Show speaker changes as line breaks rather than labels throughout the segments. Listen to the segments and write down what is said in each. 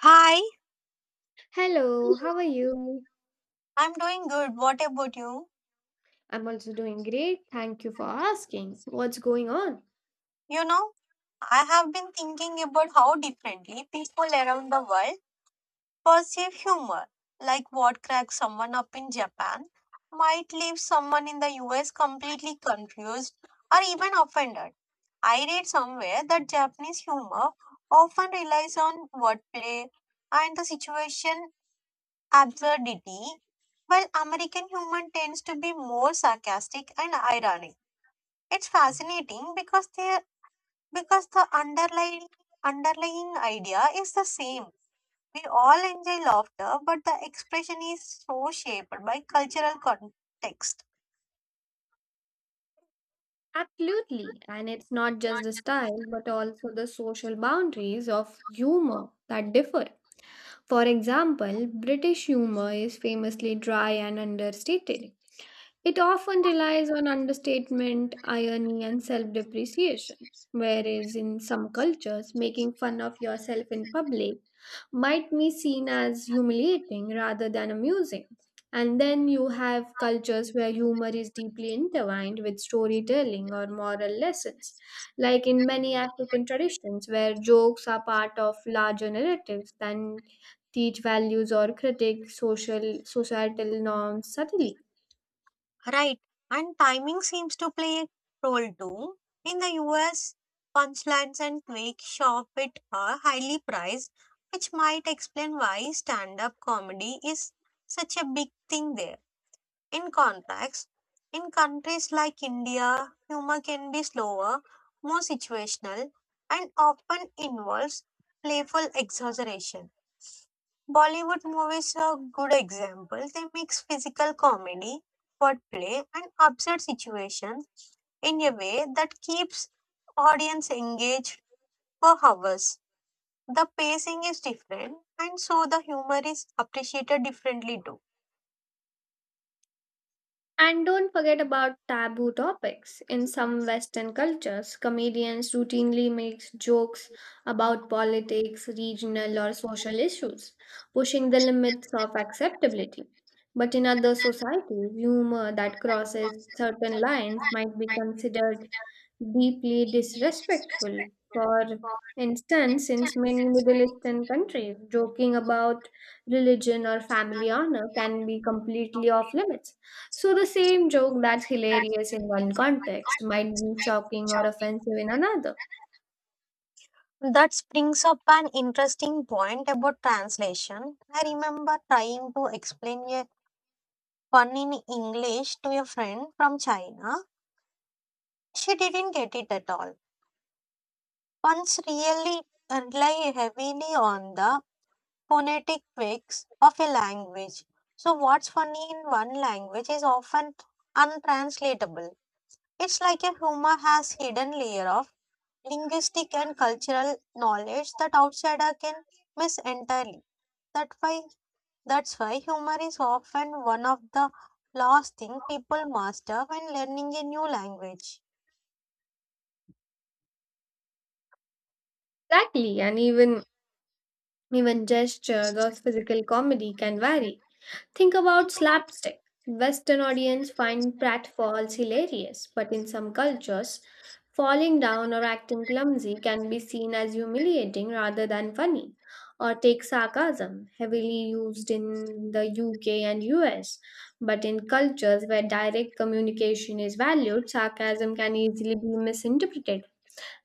Hi,
Hello, how are you?
I'm doing good. What about you?
I'm also doing great. Thank you for asking. What's going on?
You know, I have been thinking about how differently people around the world perceive humor. Like what cracks someone up in Japan might leave someone in the US completely confused or even offended. I read somewhere that Japanese humor often relies on wordplay and the situation absurdity, while American humor tends to be more sarcastic and ironic. It's fascinating because the underlying idea is the same. We all enjoy laughter, but the expression is so shaped by cultural context.
Absolutely. And it's not just the style, but also the social boundaries of humor that differ. For example, British humor is famously dry and understated. It often relies on understatement, irony, and self depreciation. Whereas in some cultures, making fun of yourself in public might be seen as humiliating rather than amusing. And then you have cultures where humor is deeply intertwined with storytelling or moral lessons, like in many African traditions where jokes are part of larger narratives that teach values or critique social societal norms subtly.
Right. And timing seems to play a role too. In the US, punchlines and quick shock bit are highly priced, which might explain why stand-up comedy is such a big thing there. In contrast, in countries like India, humor can be slower, more situational, and often involves playful exaggeration. Bollywood movies are good examples. They mix physical comedy, wordplay, and absurd situations in a way that keeps audience engaged for hours. The pacing is different, and so the humor is appreciated differently too.
And don't forget about taboo topics. In some Western cultures, comedians routinely make jokes about politics, regional or social issues, pushing the limits of acceptability. But in other societies, humor that crosses certain lines might be considered deeply disrespectful. For instance, since many Middle Eastern countries, joking about religion or family honor can be completely off limits. So the same joke that's hilarious in one context might be shocking or offensive in another.
That brings up an interesting point about translation. I remember trying to explain a pun in English to a friend from China. She didn't get it at all. Puns really rely heavily on the phonetic tweaks of a language. So, what's funny in one language is often untranslatable. It's like a humor has hidden layer of linguistic and cultural knowledge that outsider can miss entirely that why That's why humor is often one of the last thing people master when learning a new language.
Exactly, and even gestures or physical comedy can vary. Think about slapstick. Western audience find pratfalls hilarious, but in some cultures, falling down or acting clumsy can be seen as humiliating rather than funny. Or take sarcasm, heavily used in the UK and US. But in cultures where direct communication is valued, sarcasm can easily be misinterpreted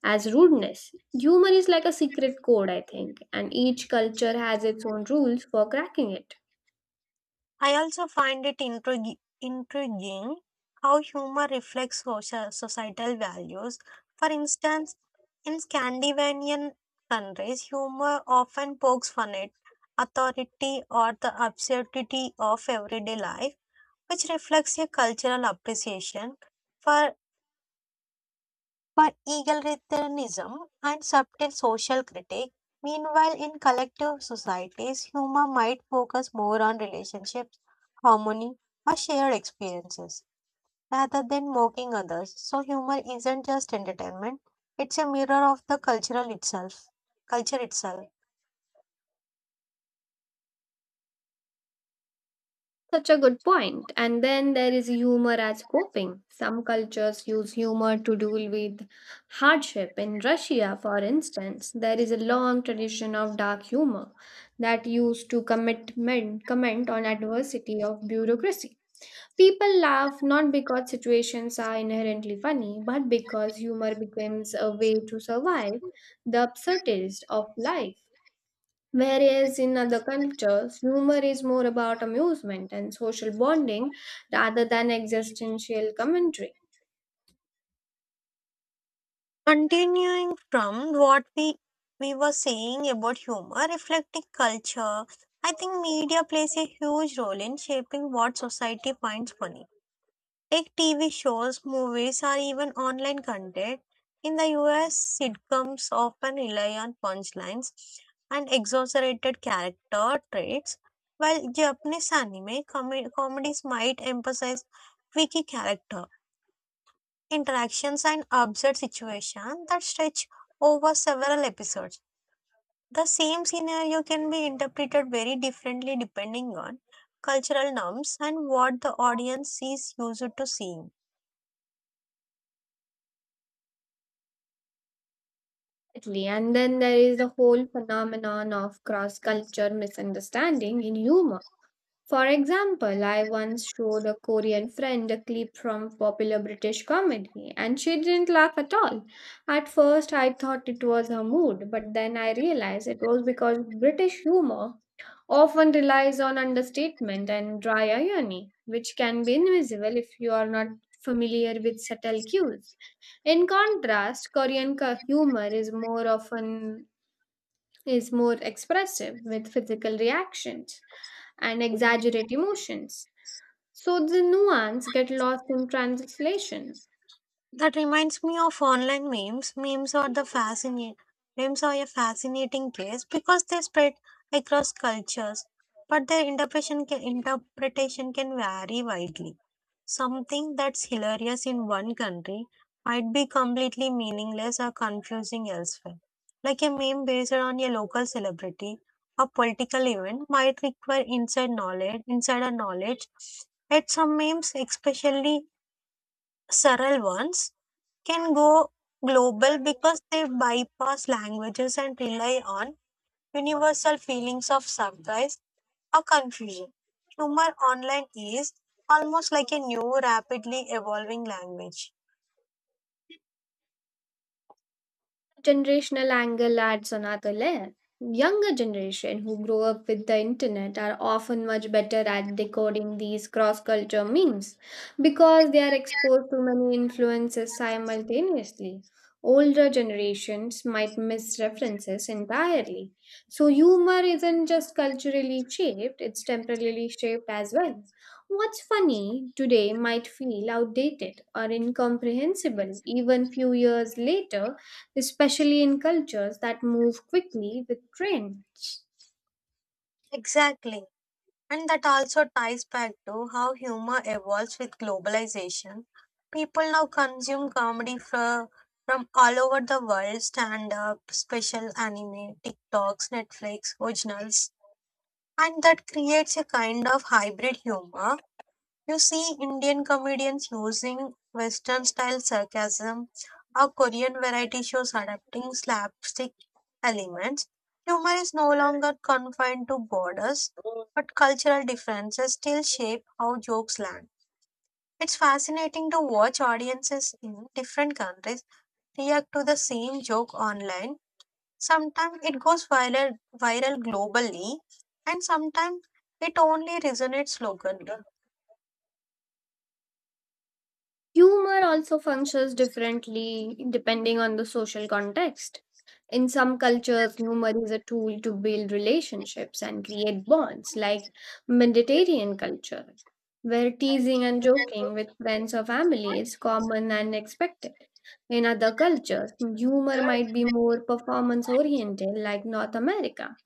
as rudeness. Humor is like a secret code, I think, and each culture has its own rules for cracking it.
I also find it intriguing how humor reflects social, societal values. For instance, in Scandinavian countries, humor often pokes fun at authority or the absurdity of everyday life, which reflects a cultural appreciation for But egalitarianism and subtle social critique, meanwhile, in collective societies, humor might focus more on relationships, harmony, or shared experiences rather than mocking others. So, humor isn't just entertainment, it's a mirror of the cultural itself. Culture itself.
Such a good point. And then there is humor as coping. Some cultures use humor to deal with hardship. In Russia, for instance, there is a long tradition of dark humor that used to commit men, comment on adversity of bureaucracy. People laugh not because situations are inherently funny, but because humor becomes a way to survive the absurdities of life. Whereas in other cultures, humor is more about amusement and social bonding rather than existential commentary.
Continuing from what we were saying about humor reflecting culture, I think media plays a huge role in shaping what society finds funny. Take TV shows, movies, or even online content. In the US, sitcoms often rely on punchlines and exaggerated character traits, while Japanese anime comedies might emphasize witty character interactions and absurd situations that stretch over several episodes. The same scenario can be interpreted very differently depending on cultural norms and what the audience is used to seeing.
Exactly. And then there is the whole phenomenon of cross culture misunderstanding in humor. For example, I once showed a Korean friend a clip from popular British comedy and she didn't laugh at all. At first, I thought it was her mood, but then I realized it was because British humor often relies on understatement and dry irony, which can be invisible if you are not familiar with subtle cues. In contrast, humor is more often is more expressive with physical reactions and exaggerate emotions. So the nuance get lost in translation.
That reminds me of online memes. Memes are the fascinating Memes are a fascinating case because they spread across cultures, but their interpretation can vary widely. Something that's hilarious in one country might be completely meaningless or confusing elsewhere. Like a meme based on a local celebrity, a political event might require insider knowledge, at some memes, especially surreal ones can go global because they bypass languages and rely on universal feelings of surprise or confusion. Humor online is almost like a new, rapidly evolving language.
Generational angle adds another layer. Younger generation who grow up with the internet are often much better at decoding these cross-culture memes because they are exposed to many influences simultaneously. Older generations might miss references entirely. So humor isn't just culturally shaped, it's temporarily shaped as well. What's funny today might feel outdated or incomprehensible even few years later, especially in cultures that move quickly with trends.
Exactly. And that also ties back to how humor evolves with globalization. People now consume from all over the world stand up, special anime, TikToks, Netflix, originals. And that creates a kind of hybrid humor. You see Indian comedians using Western style sarcasm or Korean variety shows adapting slapstick elements. Humor is no longer confined to borders, but cultural differences still shape how jokes land. It's fascinating to watch audiences in different countries react to the same joke online. Sometimes it goes viral globally, and sometimes it only resonates locally.
Humor also functions differently depending on the social context. In some cultures, humor is a tool to build relationships and create bonds, like Mediterranean culture, where teasing and joking with friends or family is common and expected. In other cultures, humor might be more performance oriented, like North America,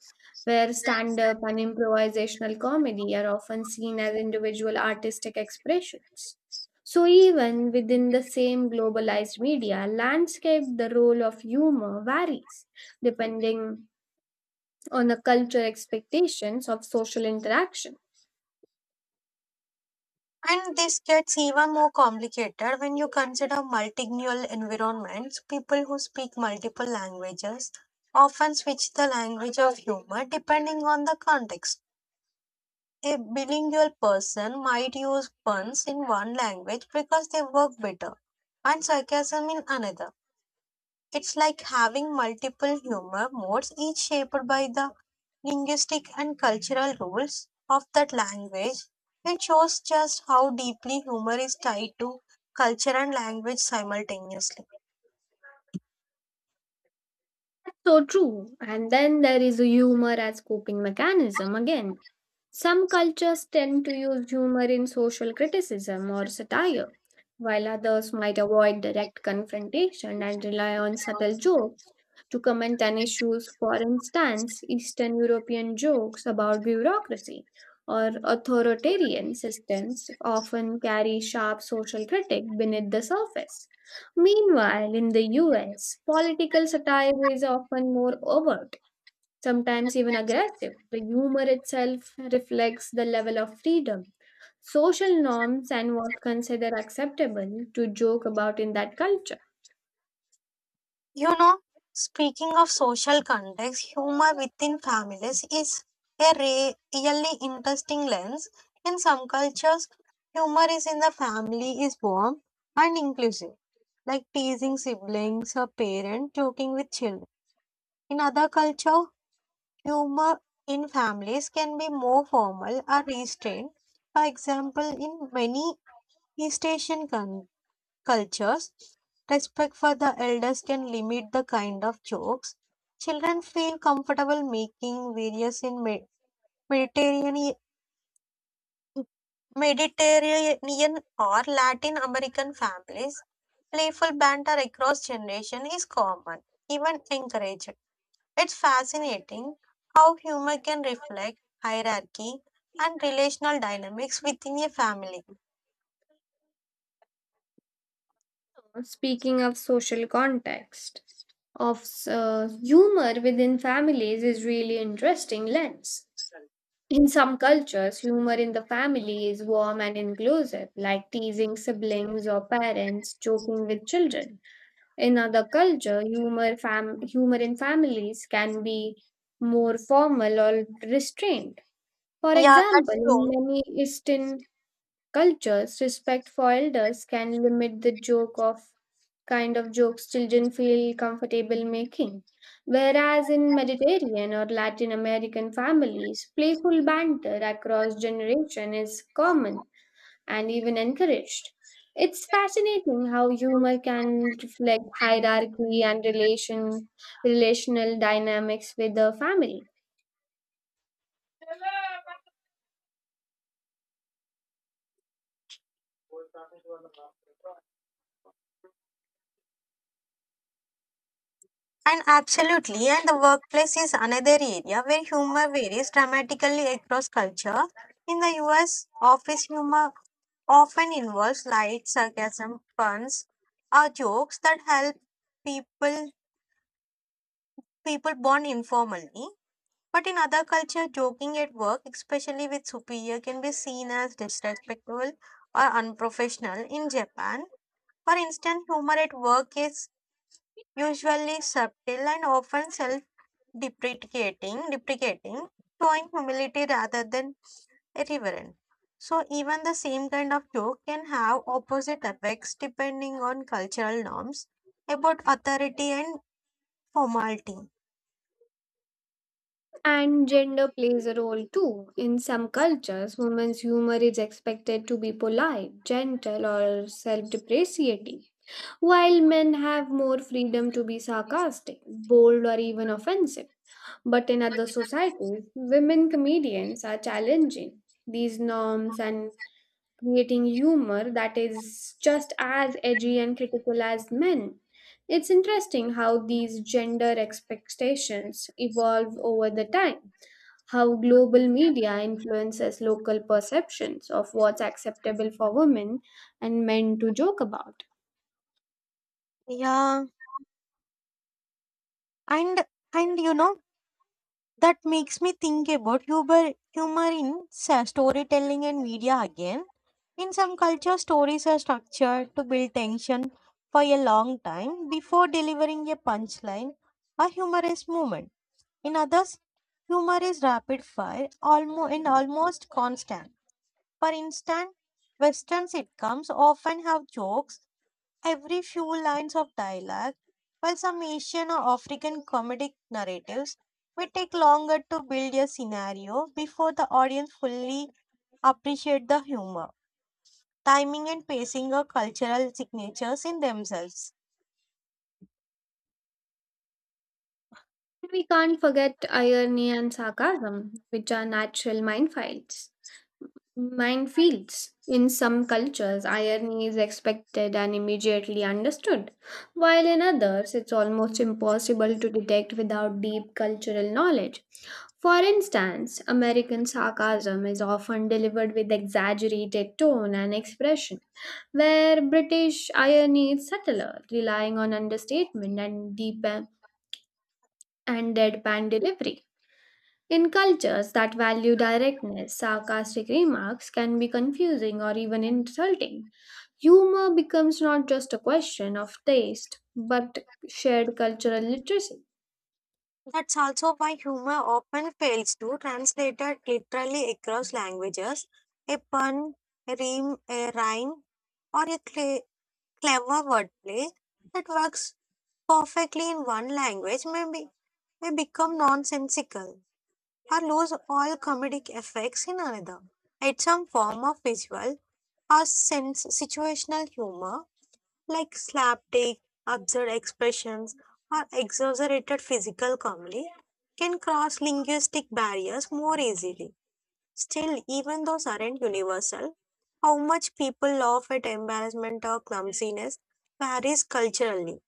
where stand up and improvisational comedy are often seen as individual artistic expressions. So, even within the same globalized media landscape, the role of humor varies depending on the cultural expectations of social interaction.
And this gets even more complicated when you consider multilingual environments. People who speak multiple languages often switch the language of humor depending on the context. A bilingual person might use puns in one language because they work better, and sarcasm in another. It's like having multiple humor modes, each shaped by the linguistic and cultural rules of that language. It shows just how deeply humor is tied to culture and language simultaneously.
So true. And then there is humor as coping mechanism again. Some cultures tend to use humor in social criticism or satire, while others might avoid direct confrontation and rely on subtle jokes to comment on issues. For instance, Eastern European jokes about bureaucracy or authoritarian systems often carry sharp social critique beneath the surface. Meanwhile, in the US, political satire is often more overt, sometimes even aggressive. The humor itself reflects the level of freedom, social norms, and what's considered acceptable to joke about in that culture.
You know, Speaking of social context, humor within families is a really interesting lens. In some cultures, humor is in the family is warm and inclusive, like teasing siblings or parents joking with children. In other culture, humor in families can be more formal or restrained. For example, in many East Asian cultures, respect for the elders can limit the kind of jokes. Children feel comfortable making various in Mediterranean, or Latin American families. Playful banter across generation is common, even encouraged. It's fascinating how humor can reflect hierarchy and relational dynamics within a family.
Speaking of social context, of humor within families is really interesting lens. In some cultures, humor in the family is warm and inclusive, like teasing siblings or parents, joking with children. In other culture, humor in families can be more formal or restrained. For
Yeah,
example,
that's
in
true.
many Eastern cultures, respect for elders can limit the joke of kind of jokes children feel comfortable making. Whereas in Mediterranean or Latin American families, playful banter across generation is common and even encouraged. It's fascinating how humor can reflect hierarchy and relational dynamics with the family.
And absolutely, and the workplace is another area where humor varies dramatically across culture. In the US, office humor often involves light sarcasm, puns, or jokes that help people people bond informally. But in other culture, joking at work, especially with superior, can be seen as disrespectful or unprofessional. In Japan, for instance, humor at work is usually subtle and often deprecating, showing humility rather than irreverent. So even the same kind of joke can have opposite effects depending on cultural norms about authority and formality.
And gender plays a role too. In some cultures, women's humor is expected to be polite, gentle, or self depreciating, while men have more freedom to be sarcastic, bold, or even offensive. But in other societies, women comedians are challenging these norms and creating humor that is just as edgy and critical as men. It's interesting how these gender expectations evolve over the time, how global media influences local perceptions of what's acceptable for women and men to joke about.
Yeah, and and you know that makes me think about humor in storytelling and media again. In some cultures, stories are structured to build tension for a long time before delivering a punchline or humorous moment. In others, humor is rapid fire almost and almost constant. For instance, Western sitcoms often have jokes every few lines of dialogue, while some Asian or African comedic narratives may take longer to build a scenario before the audience fully appreciate the humor. Timing and pacing are cultural signatures in themselves.
We can't forget irony and sarcasm, which are natural minefields. In some cultures, irony is expected and immediately understood, while in others, it's almost impossible to detect without deep cultural knowledge. For instance, American sarcasm is often delivered with exaggerated tone and expression, where British irony is subtler, relying on understatement and deadpan delivery. In cultures that value directness, sarcastic remarks can be confusing or even insulting. Humor becomes not just a question of taste, but shared cultural literacy.
That's also why humor often fails to translate it literally across languages. A pun, a rhyme, or a clever wordplay that works perfectly in one language may be they become nonsensical or lose all comedic effects in another. It's some form of visual or sense situational humor like slapstick, absurd expressions, or exaggerated physical comedy can cross linguistic barriers more easily. Still, even those aren't universal, how much people laugh at embarrassment or clumsiness varies culturally.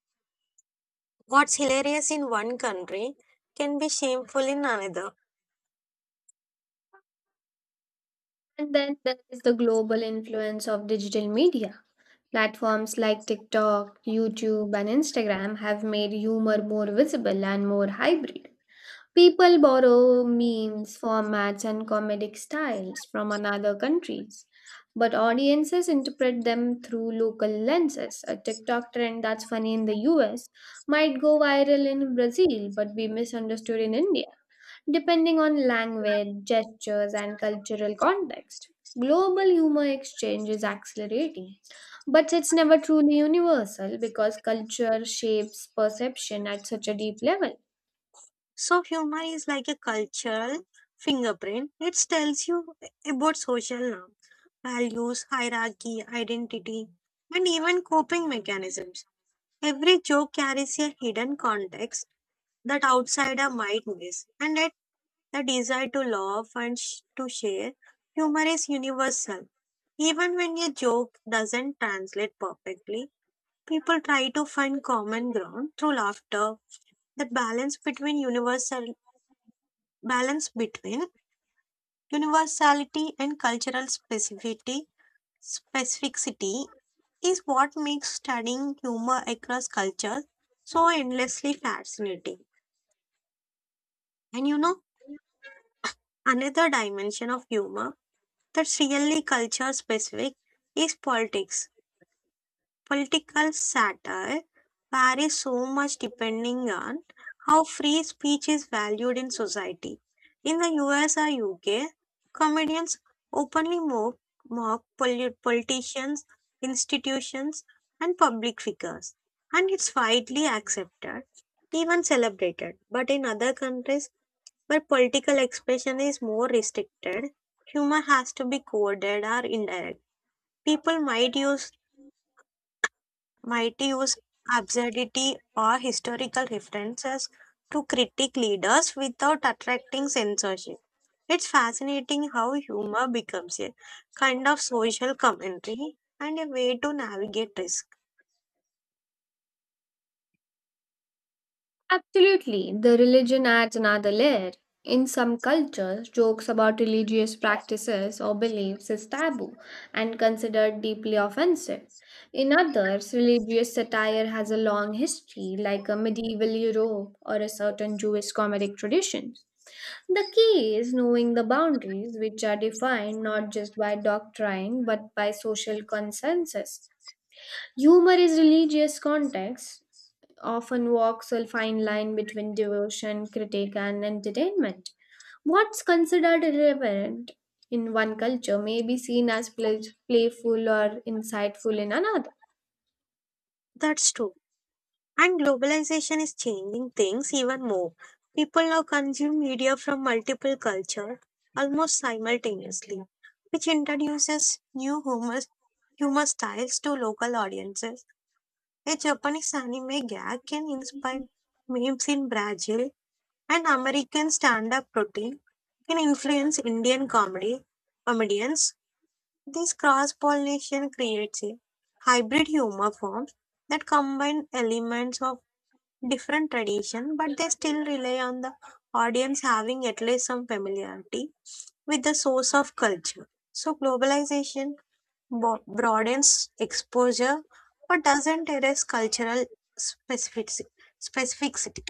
What's hilarious in one country can be shameful in another.
And then there is the global influence of digital media. Platforms like TikTok, YouTube, and Instagram have made humor more visible and more hybrid. People borrow memes, formats, and comedic styles from another countries, but audiences interpret them through local lenses. A TikTok trend that's funny in the US might go viral in Brazil but be misunderstood in India, depending on language, gestures, and cultural context. Global humor exchange is accelerating, but it's never truly universal because culture shapes perception at such a deep level.
So humor is like a cultural fingerprint. It tells you about social norms, values, hierarchy, identity, and even coping mechanisms. Every joke carries a hidden context that outsider might miss, and that the desire to laugh and to share humor is universal. Even when a joke doesn't translate perfectly, people try to find common ground through laughter. That balance between universality and cultural specificity specificity is what makes studying humor across cultures so endlessly fascinating. And you know, Another dimension of humor that's really culture specific is politics. Political satire varies so much depending on how free speech is valued in society. In the US or UK, comedians openly mock politicians, institutions, and public figures, and it's widely accepted, even celebrated. But in other countries where political expression is more restricted, humor has to be coded or indirect. People might use absurdity or historical references to critique leaders without attracting censorship. It's fascinating how humor becomes a kind of social commentary and a way to navigate risk.
Absolutely, the religion adds another layer. In some cultures, jokes about religious practices or beliefs is taboo and considered deeply offensive. In others, religious satire has a long history, like a medieval Europe or a certain Jewish comedic traditions. The key is knowing the boundaries, which are defined not just by doctrine but by social consensus. Humor is religious context often walks a fine line between devotion, critique, and entertainment. What's considered irreverent in one culture may be seen as playful or insightful in another.
That's true. And globalization is changing things even more. People now consume media from multiple cultures almost simultaneously, which introduces new humor styles to local audiences. A Japanese anime gag can inspire memes in Brazil, and American stand-up routine can influence Indian comedy comedians. This cross-pollination creates a hybrid humor form that combine elements of different tradition, but they still rely on the audience having at least some familiarity with the source of culture. So globalization broadens exposure but doesn't erase cultural specific specificity.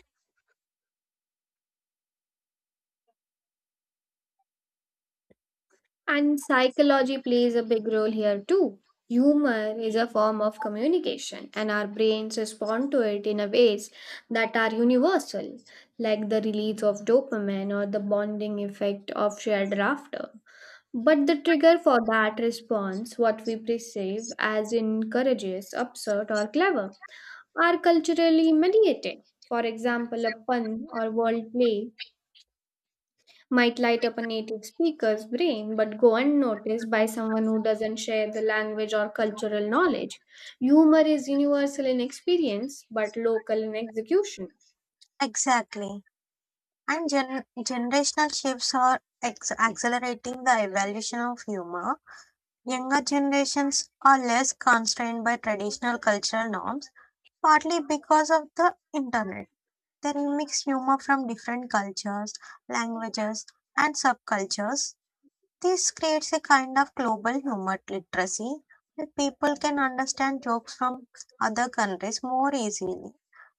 And psychology plays a big role here too. Humor is a form of communication, and our brains respond to it in a ways that are universal, like the release of dopamine or the bonding effect of shared laughter. But the trigger for that response, what we perceive as encourageous, absurd, or clever, are culturally mediated. For example, a pun or wordplay might light up a native speaker's brain but go unnoticed by someone who doesn't share the language or cultural knowledge. Humor is universal in experience but local in execution.
Exactly. And generational shifts are accelerating the evolution of humor. Younger generations are less constrained by traditional cultural norms, partly because of the internet. They remix humor from different cultures, languages, and subcultures. This creates a kind of global humor literacy where people can understand jokes from other countries more easily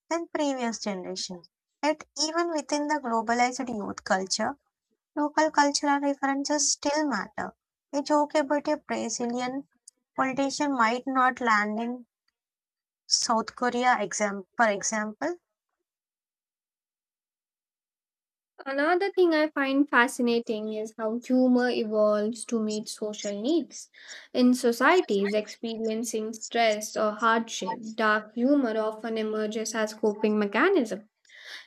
than previous generations. Yet, even within the globalized youth culture, local cultural references still matter. A joke about a Brazilian politician might not land in South Korea, for example.
Another thing I find fascinating is how humor evolves to meet social needs. In societies experiencing stress or hardship, dark humor often emerges as coping mechanism.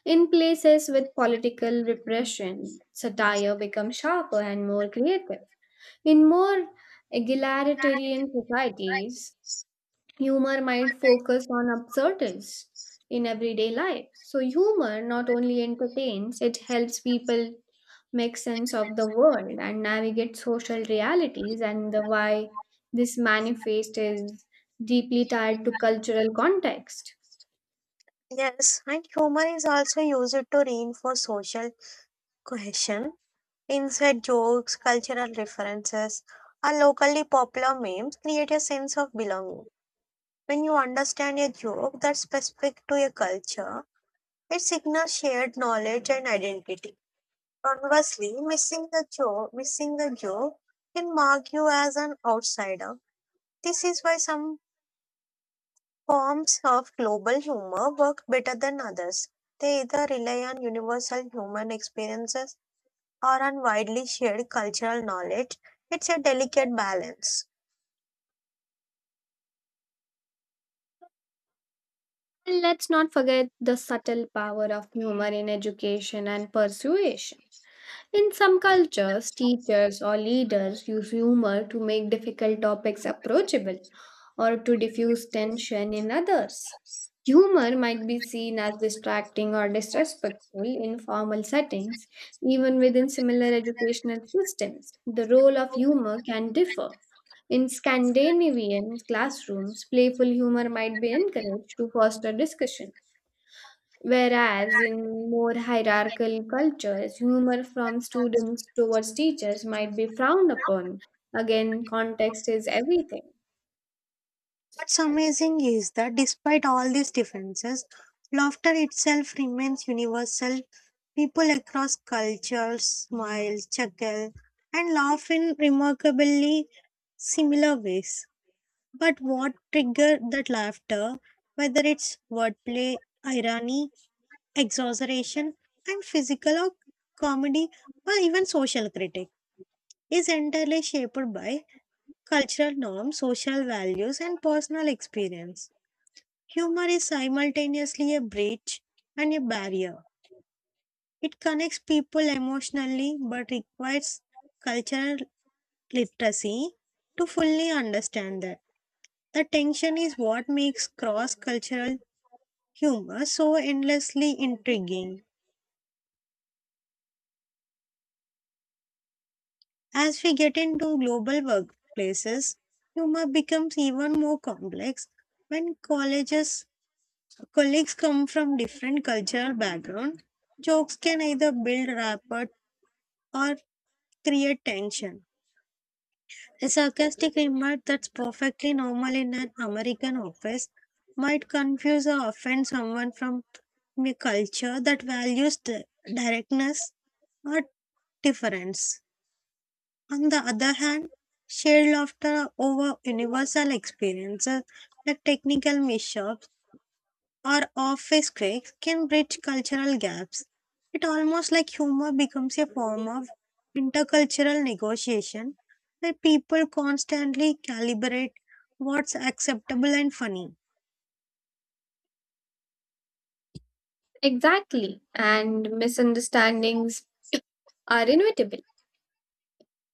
In places with political repression, satire becomes sharper and more creative. In more egalitarian societies, humor might focus on absurdities in everyday life. So, humor not only entertains, it helps people make sense of the world and navigate social realities, and the why this manifest is deeply tied to cultural context.
Yes, and humor is also used to reinforce social cohesion. Inside jokes, cultural references, and locally popular memes create a sense of belonging. When you understand a joke that's specific to a culture, it signals shared knowledge and identity. Conversely, missing the joke can mark you as an outsider. This is why some forms of global humor work better than others. They either rely on universal human experiences or on widely shared cultural knowledge, it's a delicate balance.
And let's not forget the subtle power of humor in education and persuasion. In some cultures, teachers or leaders use humor to make difficult topics approachable or to diffuse tension in others. Humor might be seen as distracting or disrespectful in formal settings, even within similar educational systems. The role of humor can differ. In Scandinavian classrooms, playful humor might be encouraged to foster discussion. Whereas in more hierarchical cultures, humor from students towards teachers might be frowned upon. Again, context is everything.
What's amazing is that despite all these differences, laughter itself remains universal. People across cultures smile, chuckle, and laugh in remarkably similar ways. But what triggered that laughter, whether it's wordplay, irony, exaggeration, and physical or comedy, or even social critique, is entirely shaped by cultural norms, social values, and personal experience. Humor is simultaneously a bridge and a barrier. It connects people emotionally but requires cultural literacy to fully understand that. The tension is what makes cross cultural humor so endlessly intriguing. As we get into global workplaces, humor becomes even more complex when colleges colleagues come from different cultural backgrounds. Jokes can either build rapport or create tension. A sarcastic remark that's perfectly normal in an American office might confuse or offend someone from a culture that values directness or difference. On the other hand, shared laughter over universal experiences like technical mishaps or office critics can bridge cultural gaps. It almost like humor becomes a form of intercultural negotiation where people constantly calibrate what's acceptable and funny.
Exactly. And misunderstandings are inevitable.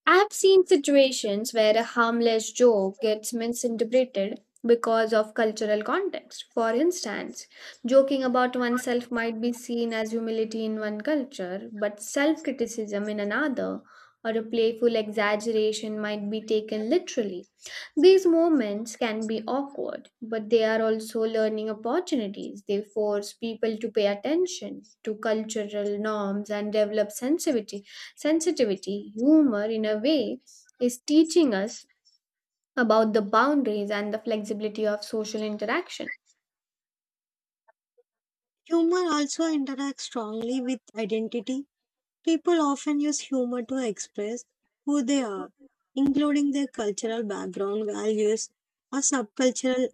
I've seen situations where a harmless joke gets misinterpreted because of cultural context. For instance, joking about oneself might be seen as humility in one culture, but self criticism in another, or a playful exaggeration might be taken literally. These moments can be awkward, but they are also learning opportunities. They force people to pay attention to cultural norms and develop sensitivity. Humor, in a way, is teaching us about the boundaries and the flexibility of social interaction.
Humor also interacts strongly with identity. People often use humor to express who they are, including their cultural background, values, or subcultural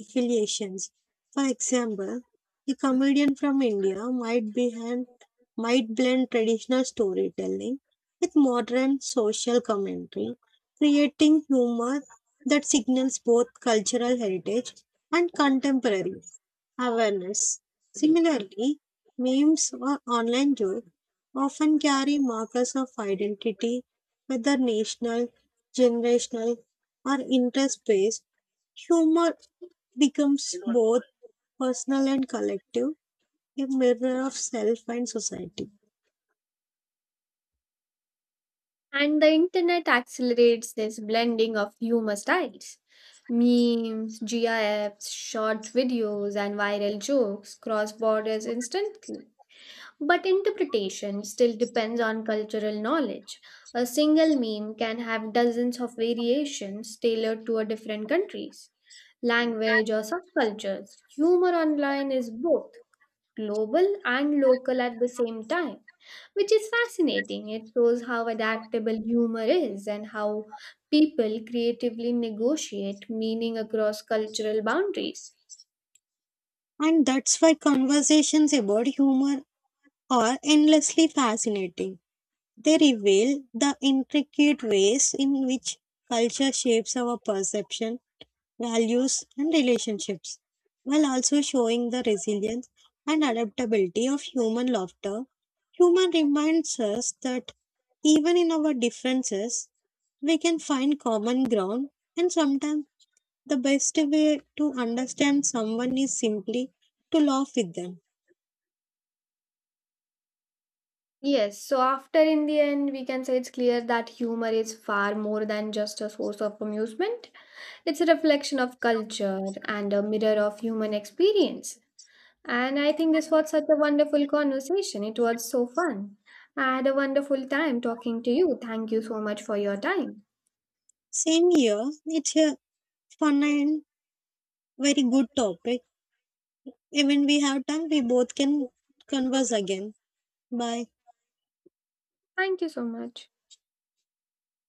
affiliations. For example, a comedian from India might blend traditional storytelling with modern social commentary, creating humor that signals both cultural heritage and contemporary awareness. Similarly, memes or online jokes often carry markers of identity, whether national, generational, or interest based humor becomes both personal and collective, a mirror of self and society.
And the internet accelerates this blending of humor styles. Memes, GIFs, short videos, and viral jokes cross borders instantly. But interpretation still depends on cultural knowledge. A single meme can have dozens of variations tailored to a different countries, language or subcultures. Humor online is both global and local at the same time, which is fascinating. It shows how adaptable humor is and how people creatively negotiate meaning across cultural boundaries.
And that's why conversations about humor are endlessly fascinating. They reveal the intricate ways in which culture shapes our perception, values, and relationships, while also showing the resilience and adaptability of human laughter. Humor reminds us that even in our differences, we can find common ground and sometimes the best way to understand someone is simply to laugh with them.
Yes, so after in the end, we can say it's clear that humor is far more than just a source of amusement. It's a reflection of culture and a mirror of human experience. And I think this was such a wonderful conversation. It was so fun. I had a wonderful time talking to you. Thank you so much for your time.
Same here, it's a fun and very good topic. Even we have time, we both can converse again. Bye.
Thank you so much.